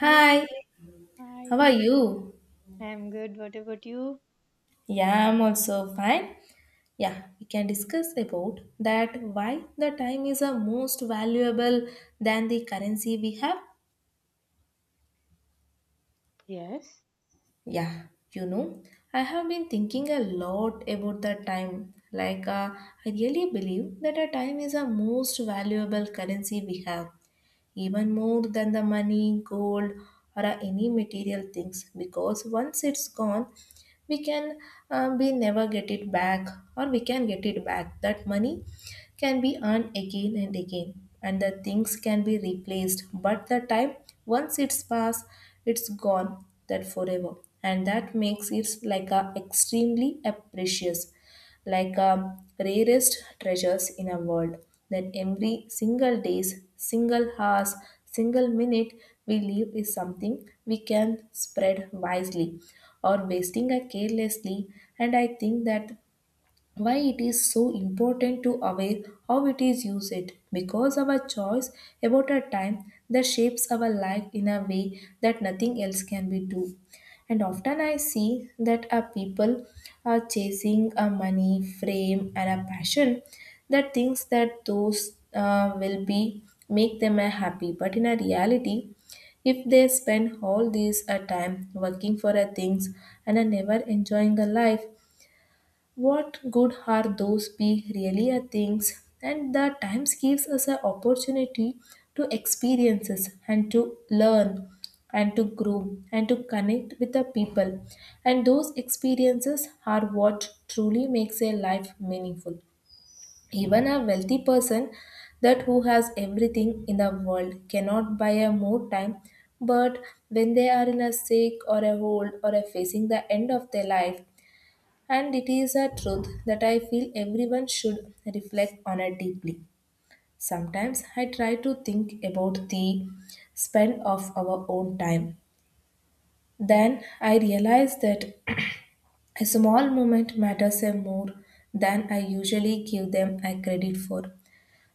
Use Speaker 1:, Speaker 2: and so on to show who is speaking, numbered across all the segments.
Speaker 1: Hi.
Speaker 2: Hi, how
Speaker 1: Hi.
Speaker 2: are you?
Speaker 1: I'm good. What about you?
Speaker 2: Yeah, I'm also fine. Yeah, we can discuss about that why the time is a most valuable than the currency we have.
Speaker 1: Yes.
Speaker 2: Yeah, you know, I have been thinking a lot about the time. Like, I really believe that a time is a most valuable currency we have, even more than the money, gold, or any material things, because once it's gone, we can we never get it back, or we can get it back. That money can be earned again and again, and the things can be replaced, but the time, once it's passed, it's gone that forever, and that makes it like a extremely a precious, like rarest treasures in a world, that every single days, single hours, single minute we live is something we can spread wisely or wasting it carelessly. And I think that why it is so important to aware how it is used, because our choice about our time, that shapes our life in a way that nothing else can be do. And often I see that our people are chasing a money fame and a passion, that thinks that those will be make them happy, but in a reality, if they spend all this time working for a things and are never enjoying the life, what good are those big really are things? And the times gives us an opportunity to experiences and to learn and to grow and to connect with the people, and those experiences are what truly makes a life meaningful. Even a wealthy person that who has everything in the world cannot buy a more time, but when they are in a sick or a old or a facing the end of their life. And it is a truth that I feel everyone should reflect on it deeply. Sometimes I try to think about the spend of our own time. Then I realize that a small moment matters a more than I usually give them a credit for.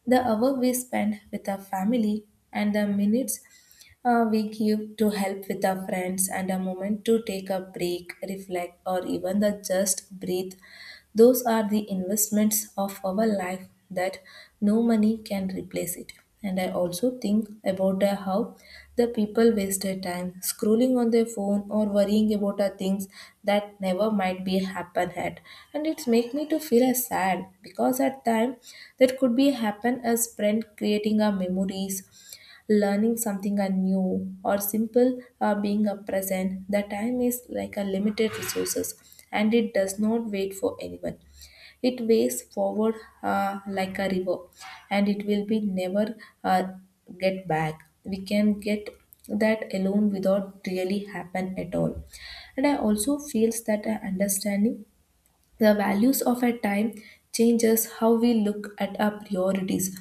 Speaker 2: The hour we spend with our family and the minutes we give to help with our friends, and a moment to take a break, reflect, or even the just breathe, those are the investments of our life that no money can replace it. And I also think about how the people waste their time scrolling on their phone or worrying about the things that never might be happen had. And it's make me to feel as sad, because at time that could be happen as friend creating our memories, learning something are new, or simple being a present. The time is like a limited resources, and it does not wait for anyone. It waves forward, like a river, and it will be never uh, get back. We can get that alone without really happen at all. And I also feels that understanding the values of our time changes how we look at our priorities.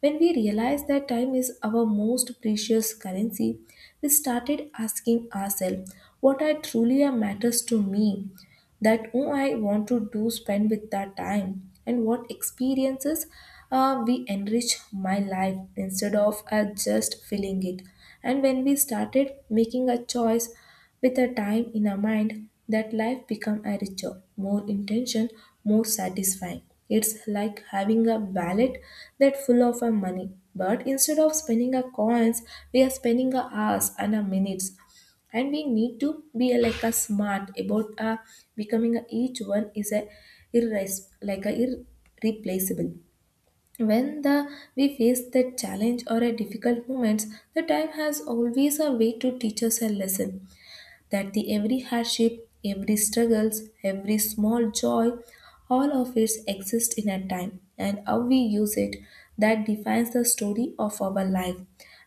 Speaker 2: When we realize that time is our most precious currency, we started asking ourselves what I truly am matters to me, that oh I want to do spend with that time, and what experiences we enrich my life instead of just filling it. And when we started making a choice with a time in our mind, that life become a richer, more intention, more satisfying. It's like having a wallet that full of our money, but instead of spending our coins, we are spending our hours and our minutes. And we need to be a, like a smart about becoming a, each one is a like a irreplaceable. When the we face the challenge or a difficult moments, the time has always a way to teach us a lesson, that the every hardship, every struggles, every small joy, all of it exists in a time, and how we use it that defines the story of our life.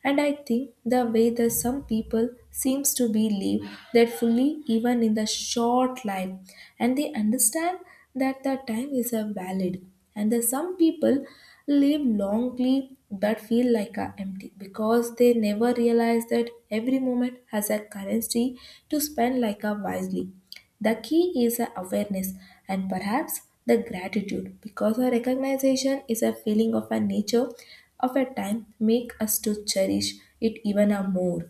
Speaker 2: And I think the way that some people seems to believe that fully even in the short life, and they understand that the time is a valid. And that some people live longly but feel like a empty, because they never realize that every moment has a currency to spend like a wisely. The key is a awareness and perhaps the gratitude, because a recognition is a feeling of a nature of a time make us to cherish it even a more.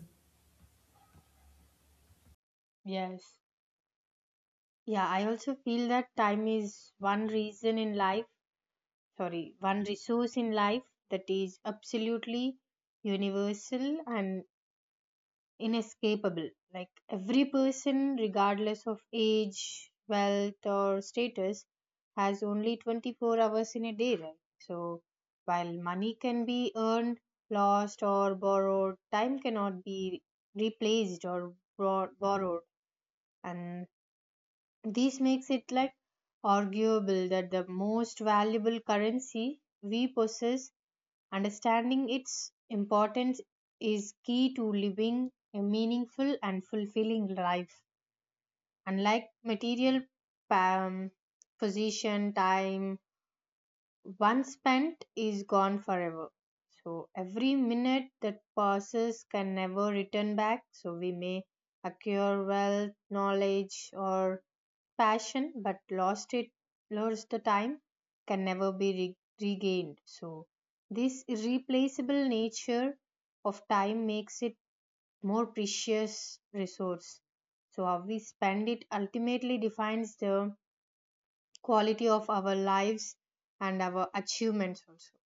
Speaker 1: Yes. Yeah, I also feel that time is one reason in life, sorry, one resource in life that is absolutely universal and inescapable. Like every person, regardless of age, wealth, or status, has only 24 hours in a day, right? So, while money can be earned, lost, or borrowed, time cannot be replaced or borrowed. And this makes it like arguable that the most valuable currency we possess. Understanding its importance is key to living a meaningful and fulfilling life. Unlike material um, position, time, one spent is gone forever. So every minute that passes can never return back. So we may acquire wealth, knowledge, or passion but lost the time can never be regained. So this irreplaceable nature of time makes it more precious resource. So how we spend it ultimately defines the quality of our lives and our achievements also,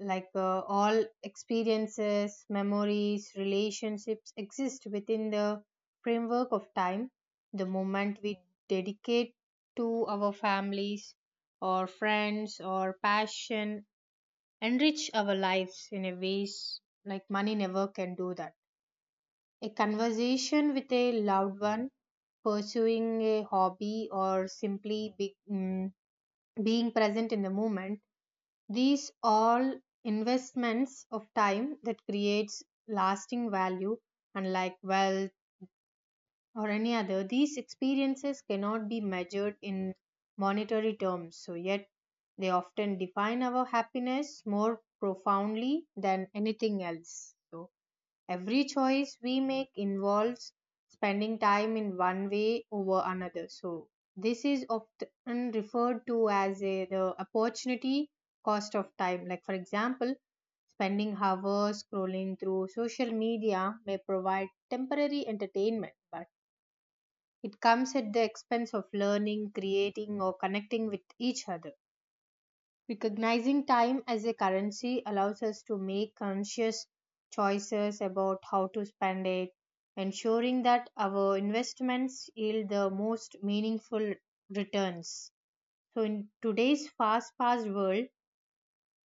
Speaker 1: like all experiences, memories, relationships exist within the framework of time. The moment we dedicate to our families or friends or passion enrich our lives in a ways like money never can do that. A conversation with a loved one, pursuing a hobby or simply being present in the moment, these all investments of time that creates lasting value unlike wealth or any other, these experiences cannot be measured in monetary terms, so yet they often define our happiness more profoundly than anything else. So every choice we make involves spending time in one way over another. So, this is often referred to as a, the opportunity cost of time. Like, for example, spending hours scrolling through social media may provide temporary entertainment, but it comes at the expense of learning, creating, or connecting with each other. Recognizing time as a currency allows us to make conscious choices about how to spend it, ensuring that our investments yield the most meaningful returns. So, in today's fast paced world,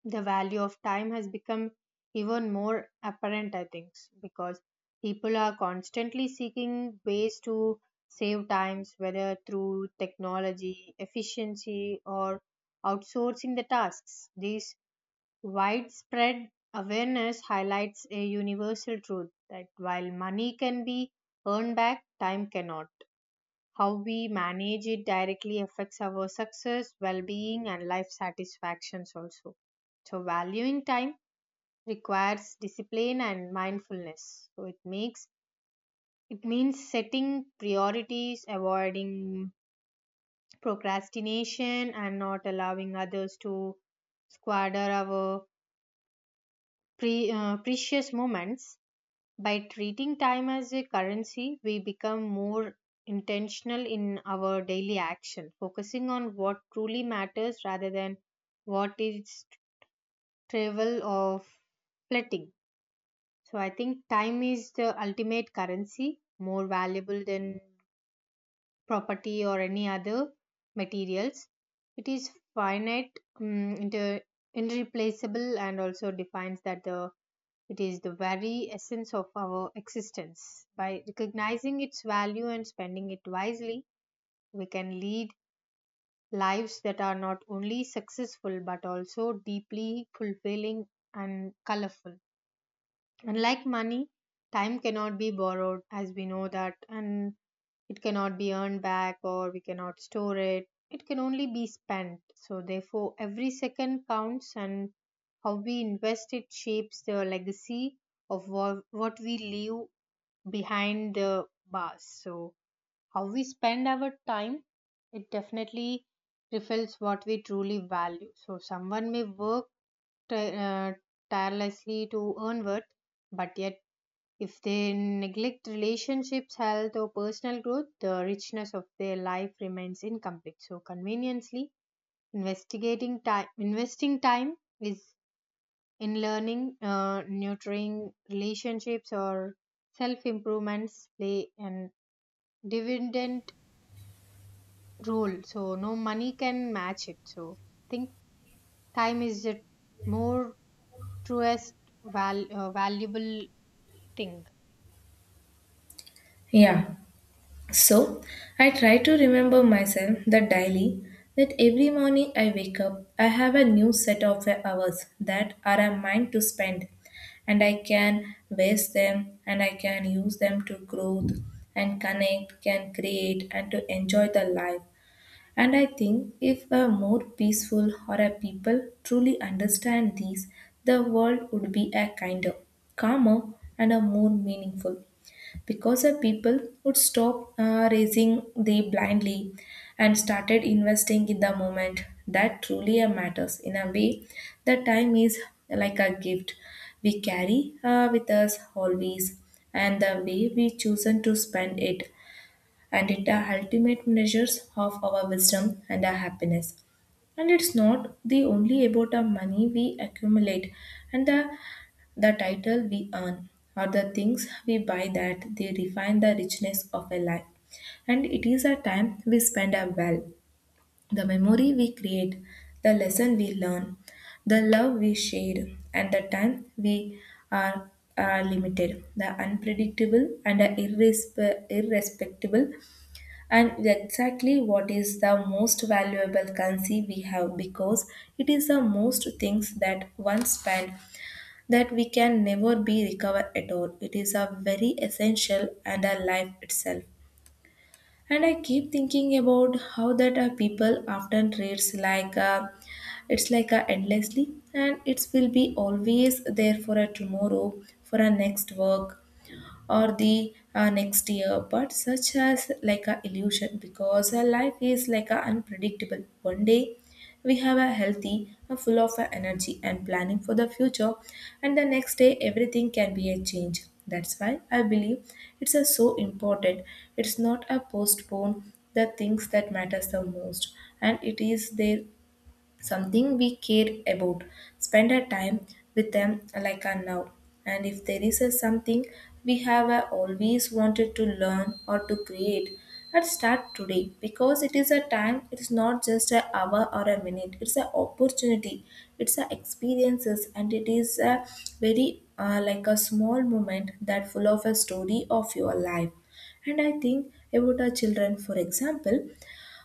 Speaker 1: the value of time has become even more apparent, I think, because people are constantly seeking ways to save times, whether through technology, efficiency, or outsourcing the tasks. These widespread awareness highlights a universal truth that while money can be earned back, time cannot. How we manage it directly affects our success, well being, and life satisfactions also. So, valuing time requires discipline and mindfulness. So, it makes it means setting priorities, avoiding procrastination, and not allowing others to squander our precious moments. By treating time as a currency, we become more intentional in our daily action, focusing on what truly matters rather than what is trivial or fleeting. So I think time is the ultimate currency, more valuable than property or any other materials. It is finite, mm, inter- irreplaceable, and also defines that the it is the very essence of our existence. By recognizing its value and spending it wisely, we can lead lives that are not only successful but also deeply fulfilling and colorful. Unlike money, time cannot be borrowed as we know that, and it cannot be earned back or we cannot store it. It can only be spent. So, therefore, every second counts, and how we invest it shapes the legacy of what we leave behind the bars. So, how we spend our time, it definitely reflects what we truly value. So, someone may work ti- uh, tirelessly to earn worth, but yet if they neglect relationships, health, or personal growth, the richness of their life remains incomplete. So, conveniently, investing time is in learning, nurturing relationships, or self improvements play an dividend role. So, no money can match it. So, I think time is the more truest valuable thing.
Speaker 2: Yeah. So, I try to remember myself that daily, that every morning I wake up, I have a new set of hours that are mine to spend, and I can waste them, and I can use them to growth and connect, can create, and to enjoy the life. And I think if a more peaceful or a people truly understand these, the world would be a kinder, calmer, and a more meaningful, because the people would stop raising they blindly and started investing in the moment that truly matters. In a way the time is like a gift we carry with us always, and the way we chosen to spend it, and it are ultimate measures of our wisdom and our happiness. And it's not the only about our money we accumulate, and the title we earn, or the things we buy, that they refine the richness of a life. And it is a time we spend a well. The memory we create, the lesson we learn, the love we share, and the time we are, are limited, the unpredictable, and the irrespectable, and exactly what is the most valuable currency we have, because it is the most things that one spend, that we can never be recovered at all. It is a very essential and a life itself. And I keep thinking about how that our people often treats like a, it's like a endlessly, and it will be always there for a tomorrow, for a next work, or the next year, but such as like a illusion, because our life is like a unpredictable. One day we have a healthy a full of a energy and planning for the future, and the next day everything can be a change. That's why I believe it's a so important. It's not a postpone the things that matters the most. And it is there something we care about, spend our time with them like a now. And if there is a something we have always wanted to learn or to create, and start today, because it is a time. It's not just an hour or a minute. It's an opportunity, it's a experiences, and it is a very like a small moment that full of a story of your life. And I think about our children for example,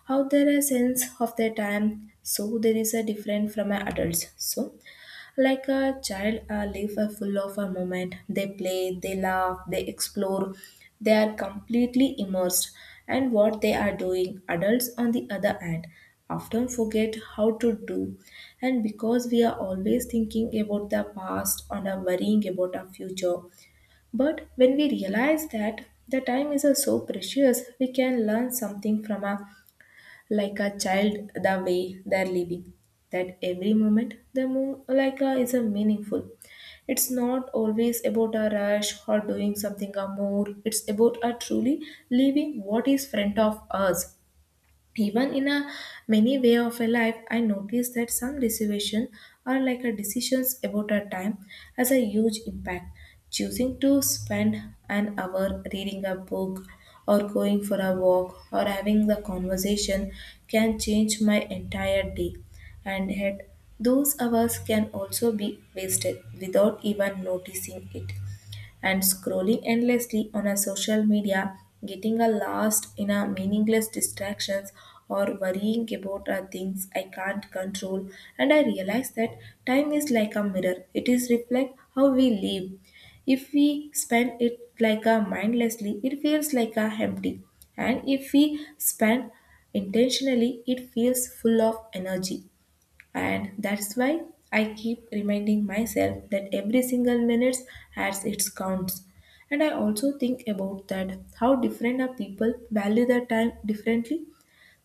Speaker 2: how there a sense of their time, so there is a different from a adults. So like a child live a full of a moment. They play, they laugh, they explore, they are completely immersed, and what they are doing, adults on the other hand, often forget how to do. And because we are always thinking about the past and are worrying about our future, but when we realize that the time is so precious, we can learn something from our like a child, the way they're living, that every moment they move like a, is a meaningful. It's not always about a rush or doing something or more, it's about a truly living what is front of us. Even in a many way of a life, I noticed that some decisions are like a decisions about a time, has a huge impact. Choosing to spend an hour reading a book, or going for a walk, or having the conversation can change my entire day. And yet those hours can also be wasted without even noticing it, and scrolling endlessly on a social media, getting a lost in a meaningless distractions, or worrying about things I can't control. And I realize that time is like a mirror. It is reflect how we live. If we spend it like a mindlessly, it feels like a empty. And if we spend intentionally, it feels full of energy. And that's why I keep reminding myself that every single minute has its counts. And I also think about that how different are people value their time differently.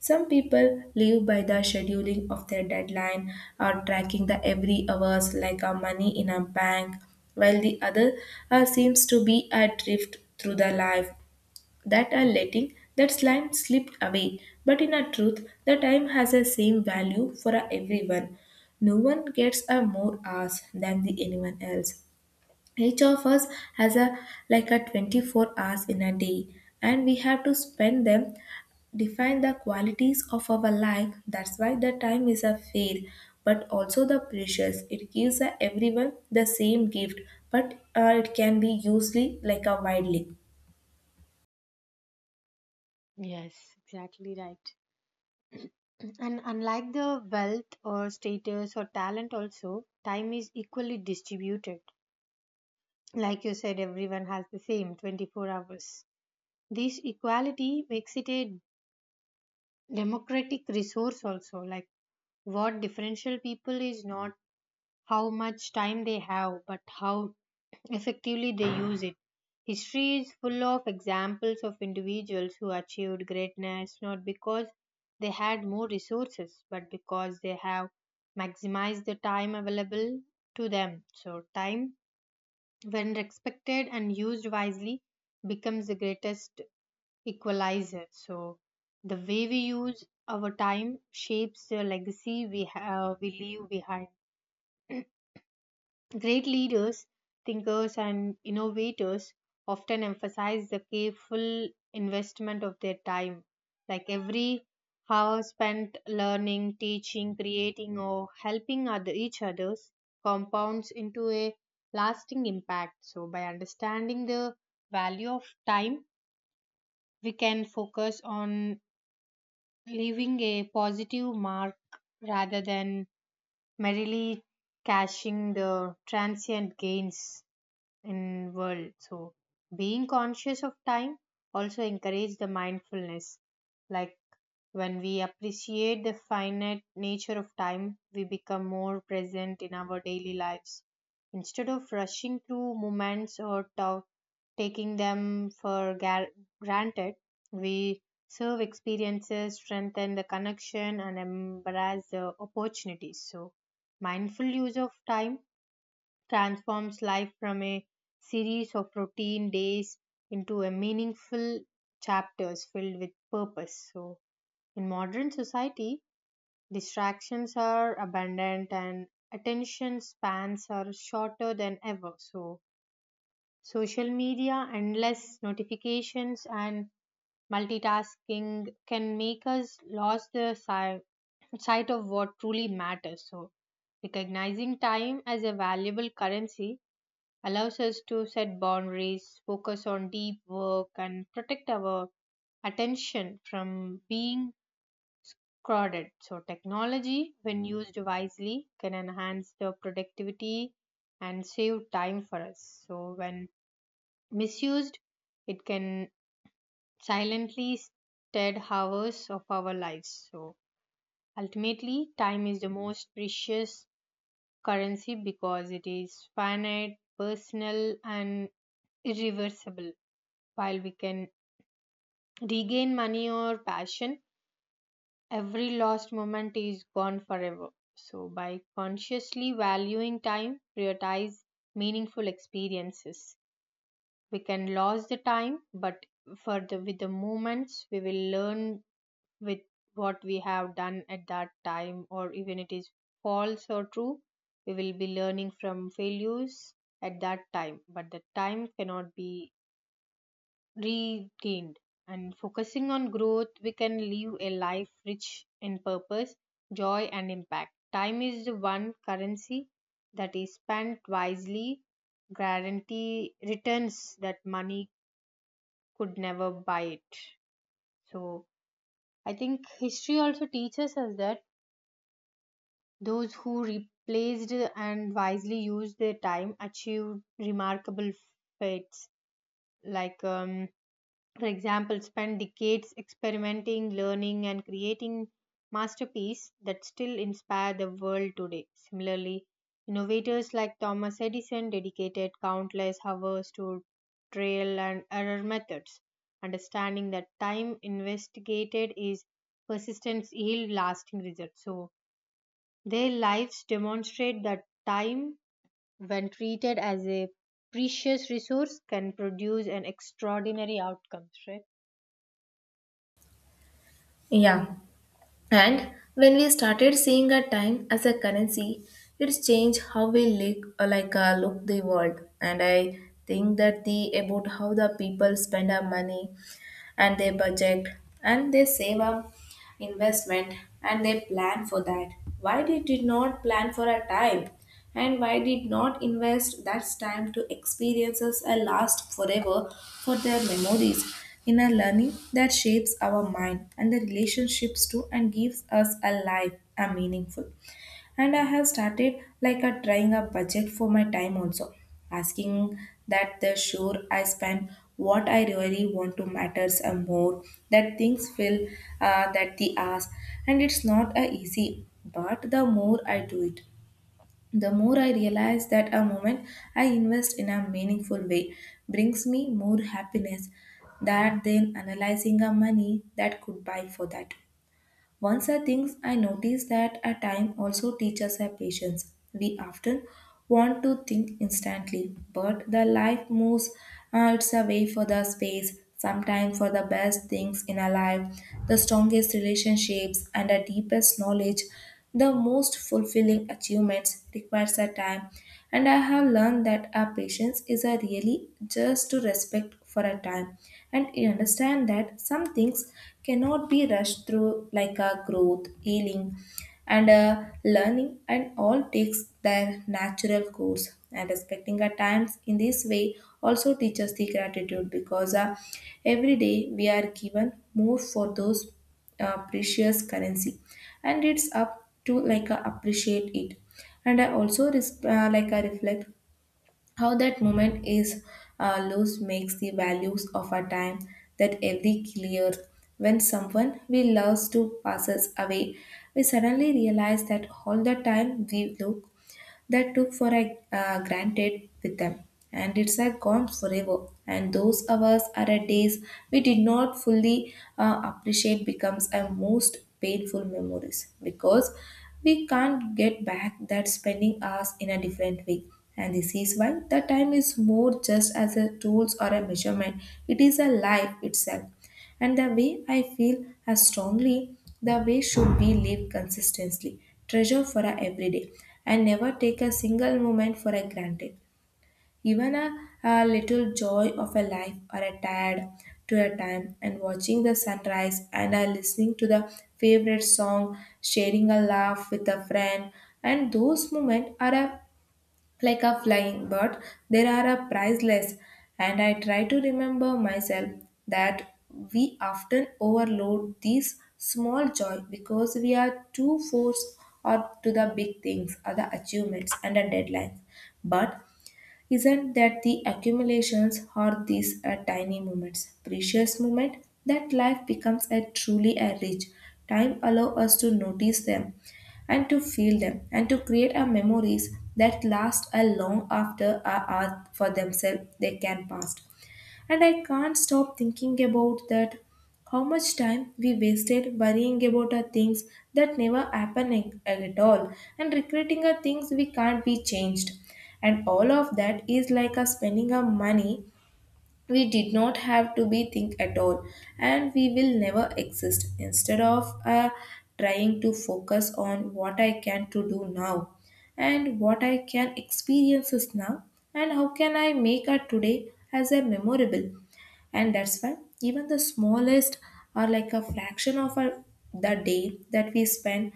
Speaker 2: Some people live by the scheduling of their deadline, or tracking the every hours like a money in a bank, while the other seems to be adrift through the life, that are letting that slime slip away. But in a truth, the time has the same value for a everyone. No one gets a more hours than the anyone else. Each of us has a like a 24 hours in a day, and we have to spend them define the qualities of our life. That's why the time is a fair, but also the precious. It gives a everyone the same gift, but it can be usually like a widely.
Speaker 1: Yes, exactly right. And unlike the wealth or status or talent, also, time is equally distributed. Like you said, everyone has the same 24 hours. This equality makes it a democratic resource, also. Like what differential people is, mm, not how much time they have, but how effectively they use it. History is full of examples of individuals who achieved greatness not because they had more resources, but because they have maximized the time available to them. So, time, when respected and used wisely, becomes the greatest equalizer. So, the way we use our time shapes the legacy we have, we leave behind. Great leaders, thinkers, and innovators often emphasize the careful investment of their time. Like every hour spent learning, teaching, creating, or helping other, each others compounds into a lasting impact. So, by understanding the value of time, we can focus on leaving a positive mark rather than merely cashing the transient gains in world. So being conscious of time also encourage the mindfulness, like when we appreciate the finite nature of time, we become more present in our daily lives. Instead of rushing through moments or taking them for granted, we serve experiences, strengthen the connection, and embrace the opportunities. So mindful use of time transforms life from a series of routine days into a meaningful chapters filled with purpose. So, in modern society, distractions are abundant and attention spans are shorter than ever. So, social media, endless notifications, and multitasking can make us lose the sight of what truly matters. So, recognizing time as a valuable currency allows us to set boundaries, focus on deep work, and protect our attention from being crowded. So, technology, when used wisely, can enhance the productivity and save time for us. So, when misused, it can silently stead hours of our lives. So, ultimately, time is the most precious currency because it is finite, personal, and irreversible. While we can regain money or passion, every lost moment is gone forever. So, by consciously valuing time, prioritize meaningful experiences. We can lose the time, but for the with the moments, we will learn with what we have done at that time, or even it is false or true, we will be learning from failures at that time. But the time cannot be regained. And focusing on growth, we can live a life rich in purpose, joy, and impact. Time is the one currency that is spent wisely, guarantee returns that money could never buy it. So, I think history also teaches us that those who replaced and wisely used their time achieved remarkable fates, like for example, spent decades experimenting, learning, and creating masterpieces that still inspire the world today. Similarly, innovators like Thomas Edison dedicated countless hours to trial and error methods, understanding that time investigated is persistence yield lasting results. So their lives demonstrate that time, when treated as a precious resource, can produce an extraordinary outcomes. Right?
Speaker 2: Yeah. And when we started seeing our time as a currency, it's changed how we look the world. And I think that the about how the people spend our money, and they budget, and they save up investment, and they plan for that. Why they did not plan for a time? And why did not invest that time to experiences that last forever for their memories in a learning that shapes our mind and the relationships too, and gives us a life a meaningful. And I have started like a trying a budget for my time also, asking that the sure I spend what I really want to matters and more that things feel that the ask, and it's not a easy, but the more I do it, the more I realize that a moment I invest in a meaningful way brings me more happiness that than analyzing a money that could buy for that. Once I think I noticed that a time also teaches us patience. We often want to think instantly, but the life moves its way for the space. Sometimes for the best things in our life, the strongest relationships and the deepest knowledge, the most fulfilling achievements requires a time. And I have learned that our patience is a really just to respect for a time, and you understand that some things cannot be rushed through, like a growth healing and learning, and all takes their natural course, and respecting our times in this way also teaches the gratitude because every day we are given more for those precious currency, and it's up to like appreciate it. And I also like I reflect how that moment is lost makes the values of our time that every clear. When someone we love to passes away, we suddenly realize that all the time we love that took for a granted with them, and it's a gone forever, and those hours are a days we did not fully appreciate becomes a most painful memories, because we can't get back that spending hours in a different way. And this is why the time is more just as a tools or a measurement, it is a life itself. And the way I feel as strongly, the way should we live consistently, treasure for our everyday, and never take a single moment for a granted. Even a little joy of a life or a tired to a time, and watching the sunrise and are listening to the favorite song, sharing a laugh with a friend, and those moments are a like a flying bird, there are a priceless. And I try to remember myself that we often overload these small joy because we are too forced up to the big things or the achievements and the deadlines, but isn't that the accumulations or these are tiny moments, precious moment, that life becomes a truly a rich. Time allow us to notice them, and to feel them, and to create our memories that last a long after our hour for themselves they can pass. And I can't stop thinking about that how much time we wasted worrying about our things that never happen at all, and regretting our things we can't be changed. And all of that is like us spending our money we did not have to be think at all, and we will never exist, instead of trying to focus on what I can to do now, and what I can experiences now, and how can I make our today as a memorable. And that's why even the smallest are like a fraction of our, the day that we spend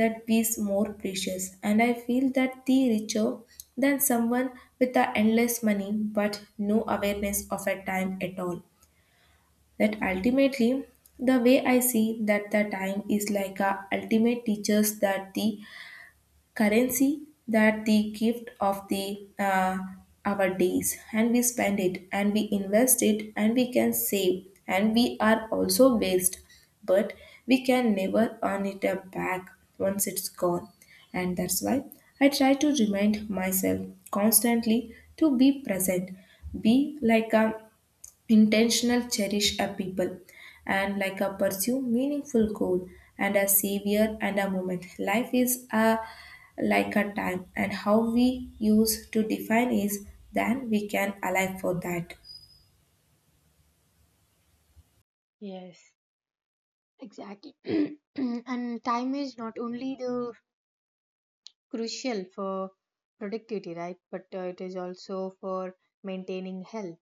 Speaker 2: that is more precious, and I feel that the richer than someone with the endless money but no awareness of a time at all. That ultimately, the way I see that the time is like a ultimate teachers, that the currency, that the gift of the our days, and we spend it, and we invest it, and we can save, and we are also waste, but we can never earn it up back once it's gone. And that's why I try to remind myself constantly to be present, be like a intentional, cherish a people, and like a pursue meaningful goal, and a savior and a moment. Life is a like a time, and how we use to define is, then we can alive for that.
Speaker 1: Yes. Exactly. And time is not only the crucial for productivity, right? But it is also for maintaining health,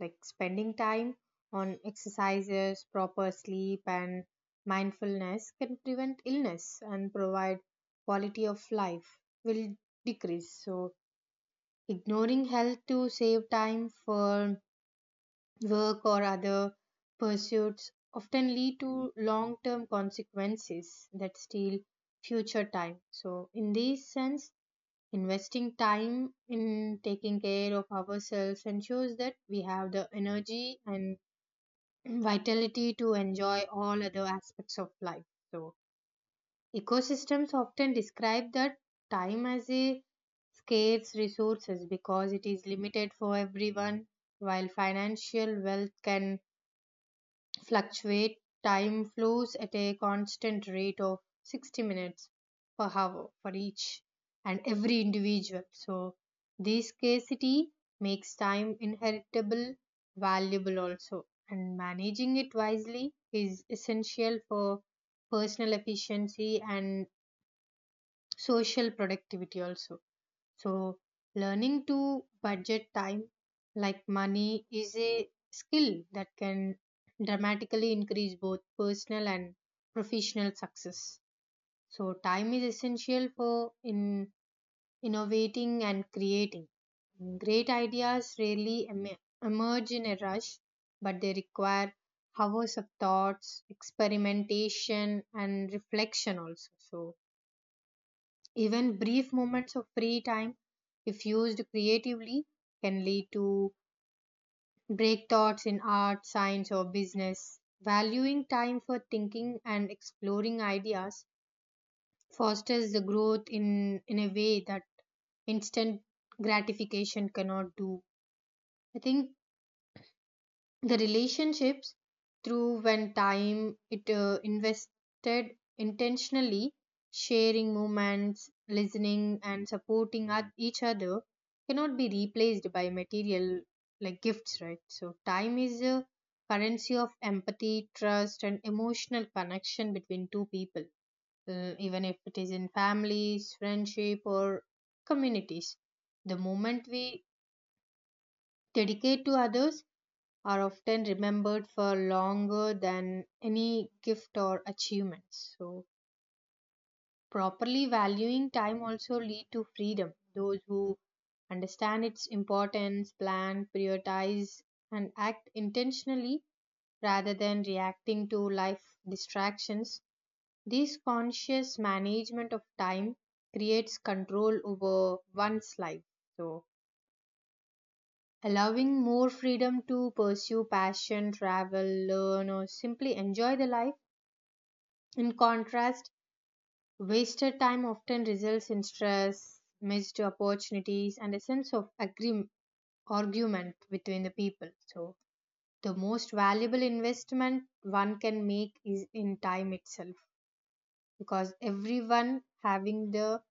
Speaker 1: like spending time on exercises, proper sleep, and mindfulness can prevent illness and provide quality of life will decrease. So ignoring health to save time for work or other pursuits often lead to long term consequences that steal future time. So, in this sense, investing time in taking care of ourselves ensures that we have the energy and vitality to enjoy all other aspects of life. So, ecosystems often describe that time as a scarce resources because it is limited for everyone while financial wealth can fluctuate. Time flows at a constant rate of 60 minutes per hour for each and every individual. So, this scarcity makes time inheritable, valuable also, and managing it wisely is essential for personal efficiency and social productivity also. So, learning to budget time like money is a skill that can dramatically increase both personal and professional success. So, time is essential for in innovating and creating. Great ideas rarely emerge in a rush, but they require hours of thoughts, experimentation, and reflection also. So, even brief moments of free time, if used creatively, can lead to breakthroughs in art, science, or business. Valuing time for thinking and exploring ideas fosters the growth in a way that instant gratification cannot do. I think the relationships through when time it invested intentionally, sharing moments, listening and supporting each other cannot be replaced by material like gifts, right? So time is a currency of empathy, trust, and emotional connection between two people, even if it is in families, friendship, or communities. The moment we dedicate to others are often remembered for longer than any gift or achievements. So, properly valuing time also lead to freedom. Those who understand its importance, plan, prioritize, and act intentionally rather than reacting to life distractions. This conscious management of time creates control over one's life. So, allowing more freedom to pursue passion, travel, learn, or simply enjoy the life. In contrast, wasted time often results in stress, missed opportunities, and a sense of argument between the people. So, the most valuable investment one can make is in time itself, because everyone having the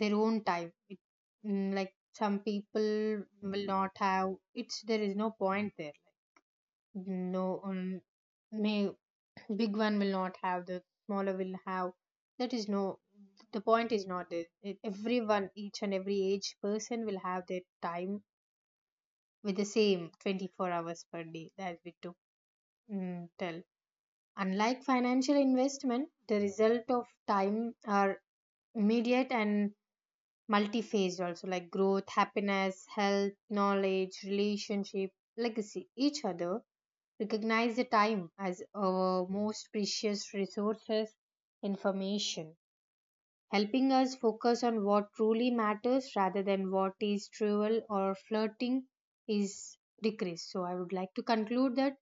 Speaker 1: their own time it, mm, like some people will not have it's there is no point there no may big one will not have the smaller will have, that is no the point is not that it, everyone each and every age person will have their time with the same 24 hours per day that we took, mm, tell, unlike financial investment the result of time are immediate and multi-phased also, like growth, happiness, health, knowledge, relationship, legacy, each other, recognize the time as our most precious resources information, helping us focus on what truly matters rather than what is trivial or flirting is decreased. So I would like to conclude that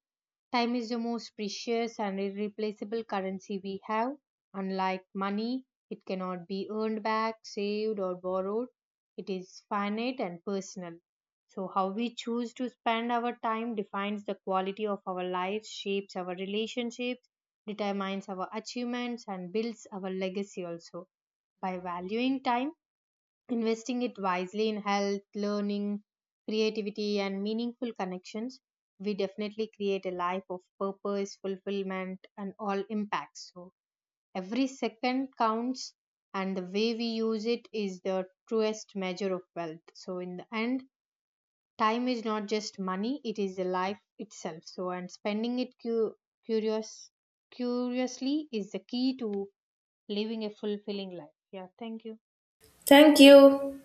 Speaker 1: time is the most precious and irreplaceable currency we have. Unlike money, it cannot be earned back, saved, or borrowed. It is finite and personal. So, how we choose to spend our time defines the quality of our lives, shapes our relationships, determines our achievements, and builds our legacy also. By valuing time, investing it wisely in health, learning, creativity, and meaningful connections, we definitely create a life of purpose, fulfillment, and all impacts. So every second counts, and the way we use it is the truest measure of wealth. So, in the end, time is not just money, it is the life itself. So, and spending it curious, curiously is the key to living a fulfilling life. Yeah, thank you.
Speaker 2: Thank you.